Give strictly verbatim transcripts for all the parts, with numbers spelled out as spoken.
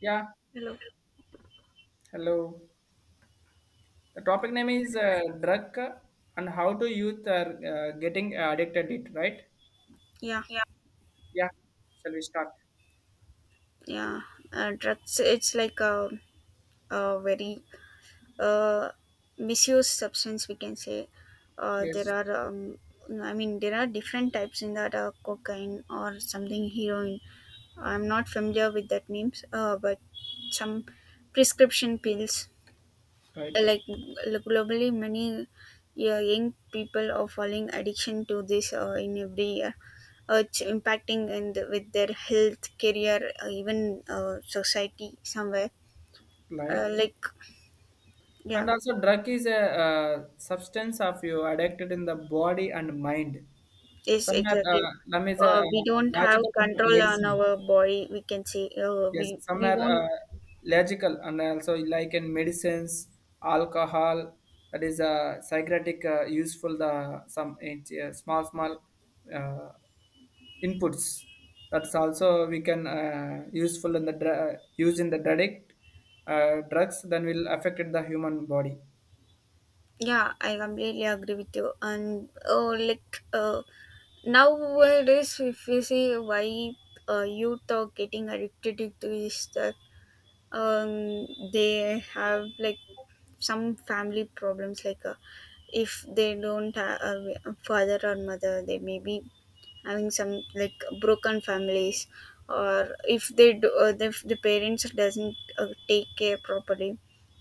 Yeah, Hello. hello. The topic name is uh, drug and how do youth are uh, getting addicted it, right? Yeah, Yeah, shall we start? yeah. Uh, drugs. It's like a, a very uh, misused substance, we can say. Uh, there Yes, are. Um, I mean, there are different types in that, uh, cocaine or something, heroin. I'm not familiar with that names. Uh, but some prescription pills. right. like like globally many, yeah, young people are falling addiction to this uh, in every year. Uh, it's impacting and with their health, career, uh, even uh, society somewhere. Like uh, like and yeah. also drug is a uh, substance of you addicted in the body and mind. Yes, Somewhere exactly. uh, lum is a uh, uh, We don't have logical control on medicine. our body, we can say. uh, we Yes, some we are won't. uh, logical and also like in medicines, alcohol, that is a psychiatric uh, useful the some uh, small small uh, inputs. That's also we can uh, useful in the dr- use in the direct uh, drugs. Then will affect the human body. Yeah, I completely agree with you. And oh, like, uh, nowadays if you see, why uh, youth are getting addicted to this stuff? Um they have like some family problems, like, uh, if they don't have a father or mother, they may be having some like broken families, or if they do, uh, if the parents doesn't uh, take care properly,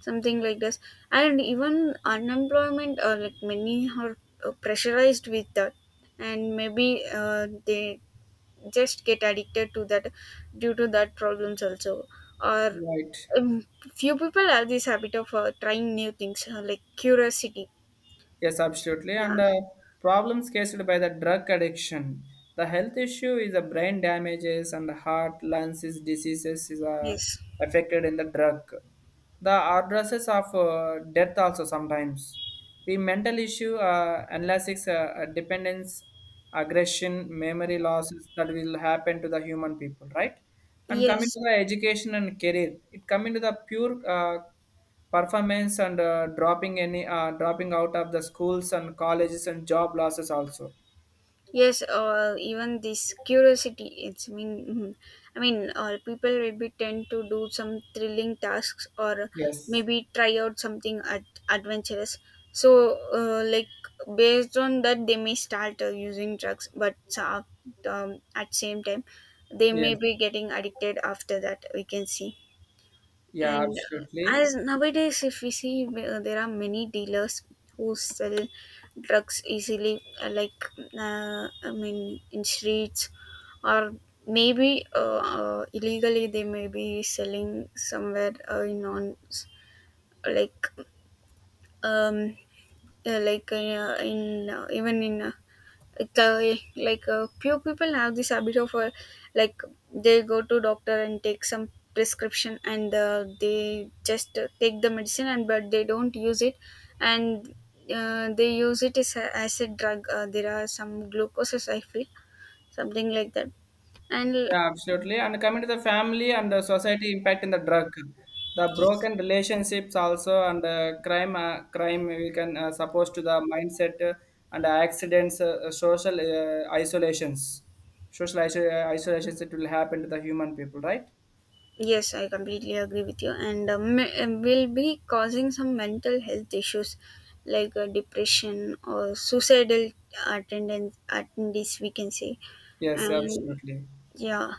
something like this. And even unemployment, or like many are uh, pressurized with that, and maybe uh, they just get addicted to that due to that problems also. Or Right. um, few people have this habit of uh, trying new things, uh, like curiosity. Yes, absolutely. And Yeah. uh, problems caused by the drug addiction. The health issue is the brain damages and the heart, lungs is diseases is uh, Yes. affected in the drug. The addresses of uh, death also sometimes. The mental issue, uh, analysis, uh, uh, dependence, aggression, memory losses that will happen to the human people, right? And coming to Yes. the education and career, it coming to the pure uh, performance and uh, dropping any uh, dropping out of the schools and colleges and job losses also. Yes, or even this curiosity, it's mean, mhm. I mean, or people maybe tend to do some thrilling tasks, or Yes, maybe try out something ad- adventurous. So, uh, like based on that, they may start uh, using drugs. But uh, um, at same time, they may yes, be getting addicted after that, we can see. yeah, And uh, absolutely. as nowadays if we see, uh, there are many dealers who sell drugs easily, uh, like uh, I mean, in streets, or maybe uh, uh, illegally they may be selling somewhere, uh, in on like um uh, like uh, in uh, even in uh, the like uh, few people have this habit of, uh, like they go to doctor and take some prescription, and uh, they just uh, take the medicine and but they don't use it, and uh, they use it as a, as a drug. Uh, there are some glucoses I feel, something like that. and l- Yeah, absolutely, and coming to the family and the society impact in the drug, the broken relationships also, and uh, crime, uh, crime we can uh, suppose to the mindset, uh, and accidents, uh, uh, social uh, isolations, social iso- uh, isolations that will happen to the human people, right? yes, I completely agree with you. And uh, me- uh, will be causing some mental health issues, like, uh, depression or suicidal attendance, attendees we can say. Yes, And absolutely. yeah.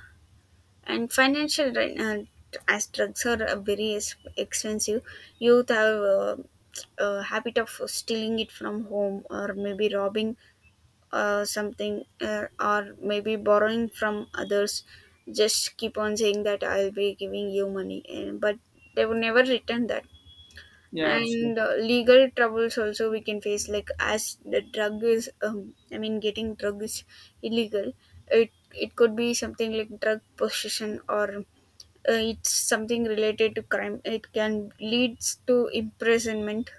And financial right now, as drugs are uh, very ex- expensive. Youth have uh, a habit of stealing it from home, or maybe robbing uh, something, uh, or maybe borrowing from others, just keep on saying that I'll be giving you money and, but they would never return that. Yeah, absolutely. And uh, legal troubles also we can face, like, as the drug is, um, I mean, getting drug is illegal. It it could be something like drug possession, or uh, it's something related to crime, it can leads to imprisonment.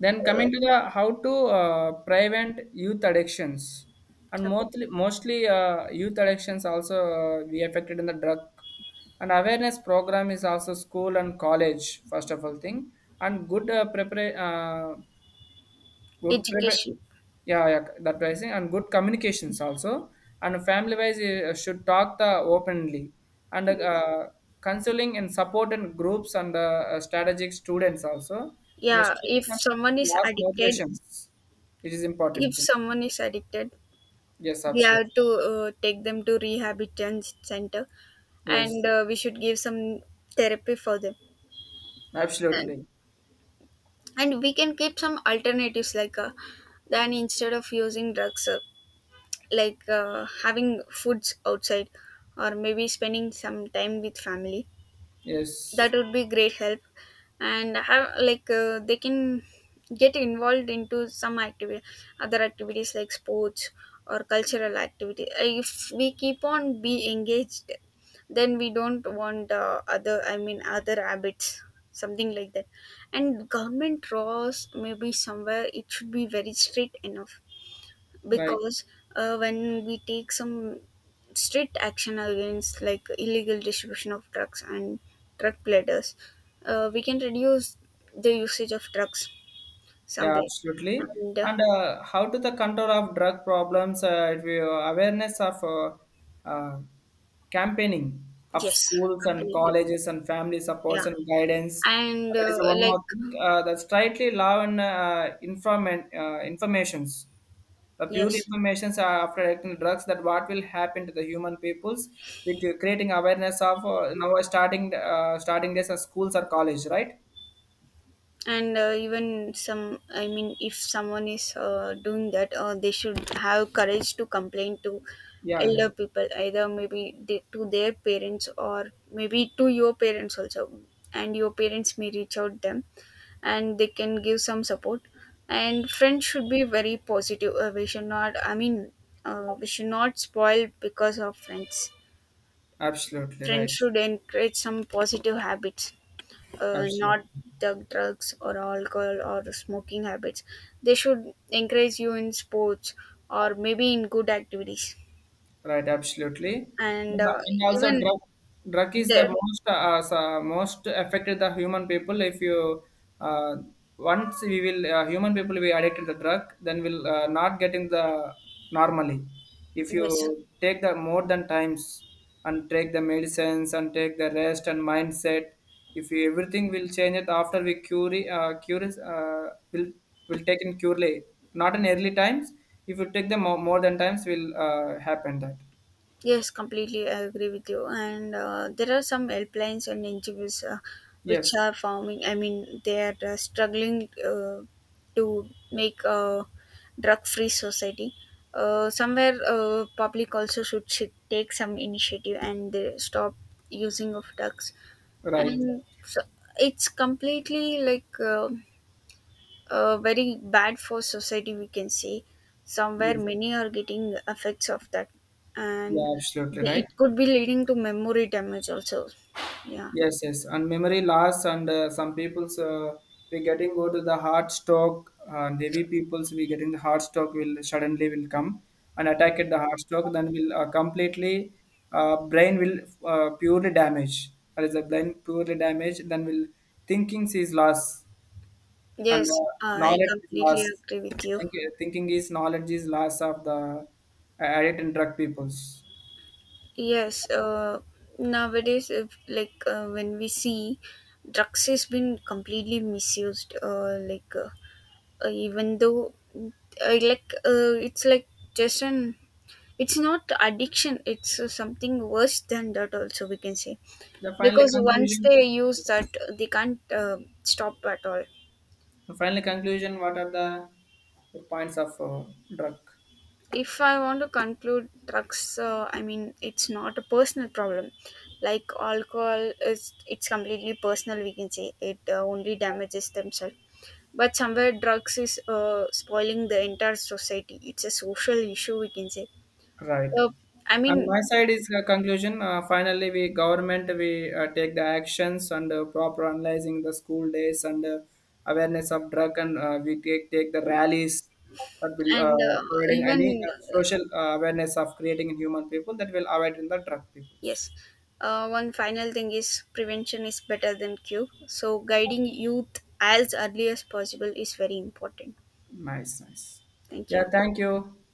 Then coming uh, to the how to uh, prevent youth addictions, and okay. mostly mostly uh, youth addictions also uh, be affected in the drug, and awareness program is also school and college first of all thing, and good uh, prepara- uh, good prepare. Education. Yeah, yeah, the pricing and good communications also. And family wise uh, should talk the openly and uh, counseling and support and groups and uh, uh, strategic students also and Yeah, students if and someone is last addicted, motivations. It is important if thing. someone is addicted, Yes, we absolutely. have to uh, take them to rehabilitation center, and Yes, uh, we should give some therapy for them. absolutely. And we can keep some alternatives, like, uh, then instead of using drugs, uh, like uh, having foods outside, or maybe spending some time with family. That Yes, would be great help. And have like, uh, they can get involved into some activity, other activities like sports or cultural activity. If we keep on be engaged, then we don't want uh, other, I mean, other habits, something like that. And government laws, maybe somewhere it should be very strict enough, right. because uh, when we take some strict action against, like, illegal distribution of drugs and drug peddlers, uh, we can reduce the usage of drugs Yeah, somewhere. absolutely. And uh, And uh, how to the control of drug problems? Uh, if you, awareness of uh, uh, campaigning of yes, schools and completely. colleges and family supports Yeah. and guidance. Uh, And That is uh, one more like, thing. Uh, the strictly law and uh, information uh, informations. The pure yes, informations are after taking drugs that what will happen to the human peoples with uh, creating awareness of uh, now starting uh, starting this as schools or college, right? and uh, even some, I mean, if someone is uh, doing that, uh, they should have courage to complain to Yeah, yeah, elder people, either maybe they, to their parents, or maybe to your parents also, and your parents may reach out them, and they can give some support. And friends should be very positive. Uh, we should not, I mean, uh, we should not spoil because of friends. absolutely Friends right, should encourage some positive habits, uh, not absolutely. the drugs or alcohol or smoking habits. They should encourage you in sports, or maybe in good activities. Right, absolutely. And And uh, uh, and also even drug drug is the there, most uh, s- uh, most affected the human people. If you uh, once we will uh, human people will be addicted to the drug, then we'll uh, not getting the normally. If yes. you take the more than times and take the medicines and take the rest and mindset, if you, everything will change it after we cure uh, cure is, uh, will will take in curely not in early times if you take them more, more than times, will uh, happen that. Yes, completely I agree with you. And uh, there are some helplines and N G Os uh, which Yes, are forming. I mean, they are uh, struggling uh, to make a drug-free society. Uh, somewhere, uh, public also should, should take some initiative and they stop using of drugs. right. And so it's completely like, uh, uh, very bad for society, we can say. Somewhere Yes, many are getting effects of that. And yeah, absolutely the, right. it could be leading to memory damage also. Yeah. Yes, yes, and memory loss, and uh, some people's uh, we getting go to the heart stroke, uh, and heavy people's we getting the heart stroke will suddenly will come and attack at the heart stroke, then will uh, completely uh, brain will uh, purely damage. That is the brain purely damaged, then will thinking is lost Yes, and uh, I knowledge is loss. completely agree with I you. think uh, thinking is knowledge is loss of the uh, addict and drug peoples. Yes, uh, nowadays if, like uh, when we see drugs has been completely misused, uh, like uh, uh, even though I like, uh, it's like just an, it's not addiction, it's uh, something worse than that also, we can say, The final because once conclusion, they use that, they can't uh, stop at all. the final conclusion, what are the points of uh, drug? If I want to conclude, drugs, uh, I mean, it's not a personal problem. Like alcohol is, it's completely personal, we can say it uh, only damages themselves. But somewhere, drugs is uh, spoiling the entire society, it's a social issue, we can say. Right. Uh, I mean And my side is a conclusion. Uh, finally, we government we uh, take the actions and uh, proper analyzing the school days and uh, awareness of drug and uh, we take take the rallies that will and uh, uh, providing any even uh, social uh, awareness of creating in human people that will avoid in the drug peoples. Yes. Uh, one final thing is, prevention is better than cure. So guiding youth as early as possible is very important. Nice, nice. Thank Yeah, you. thank you.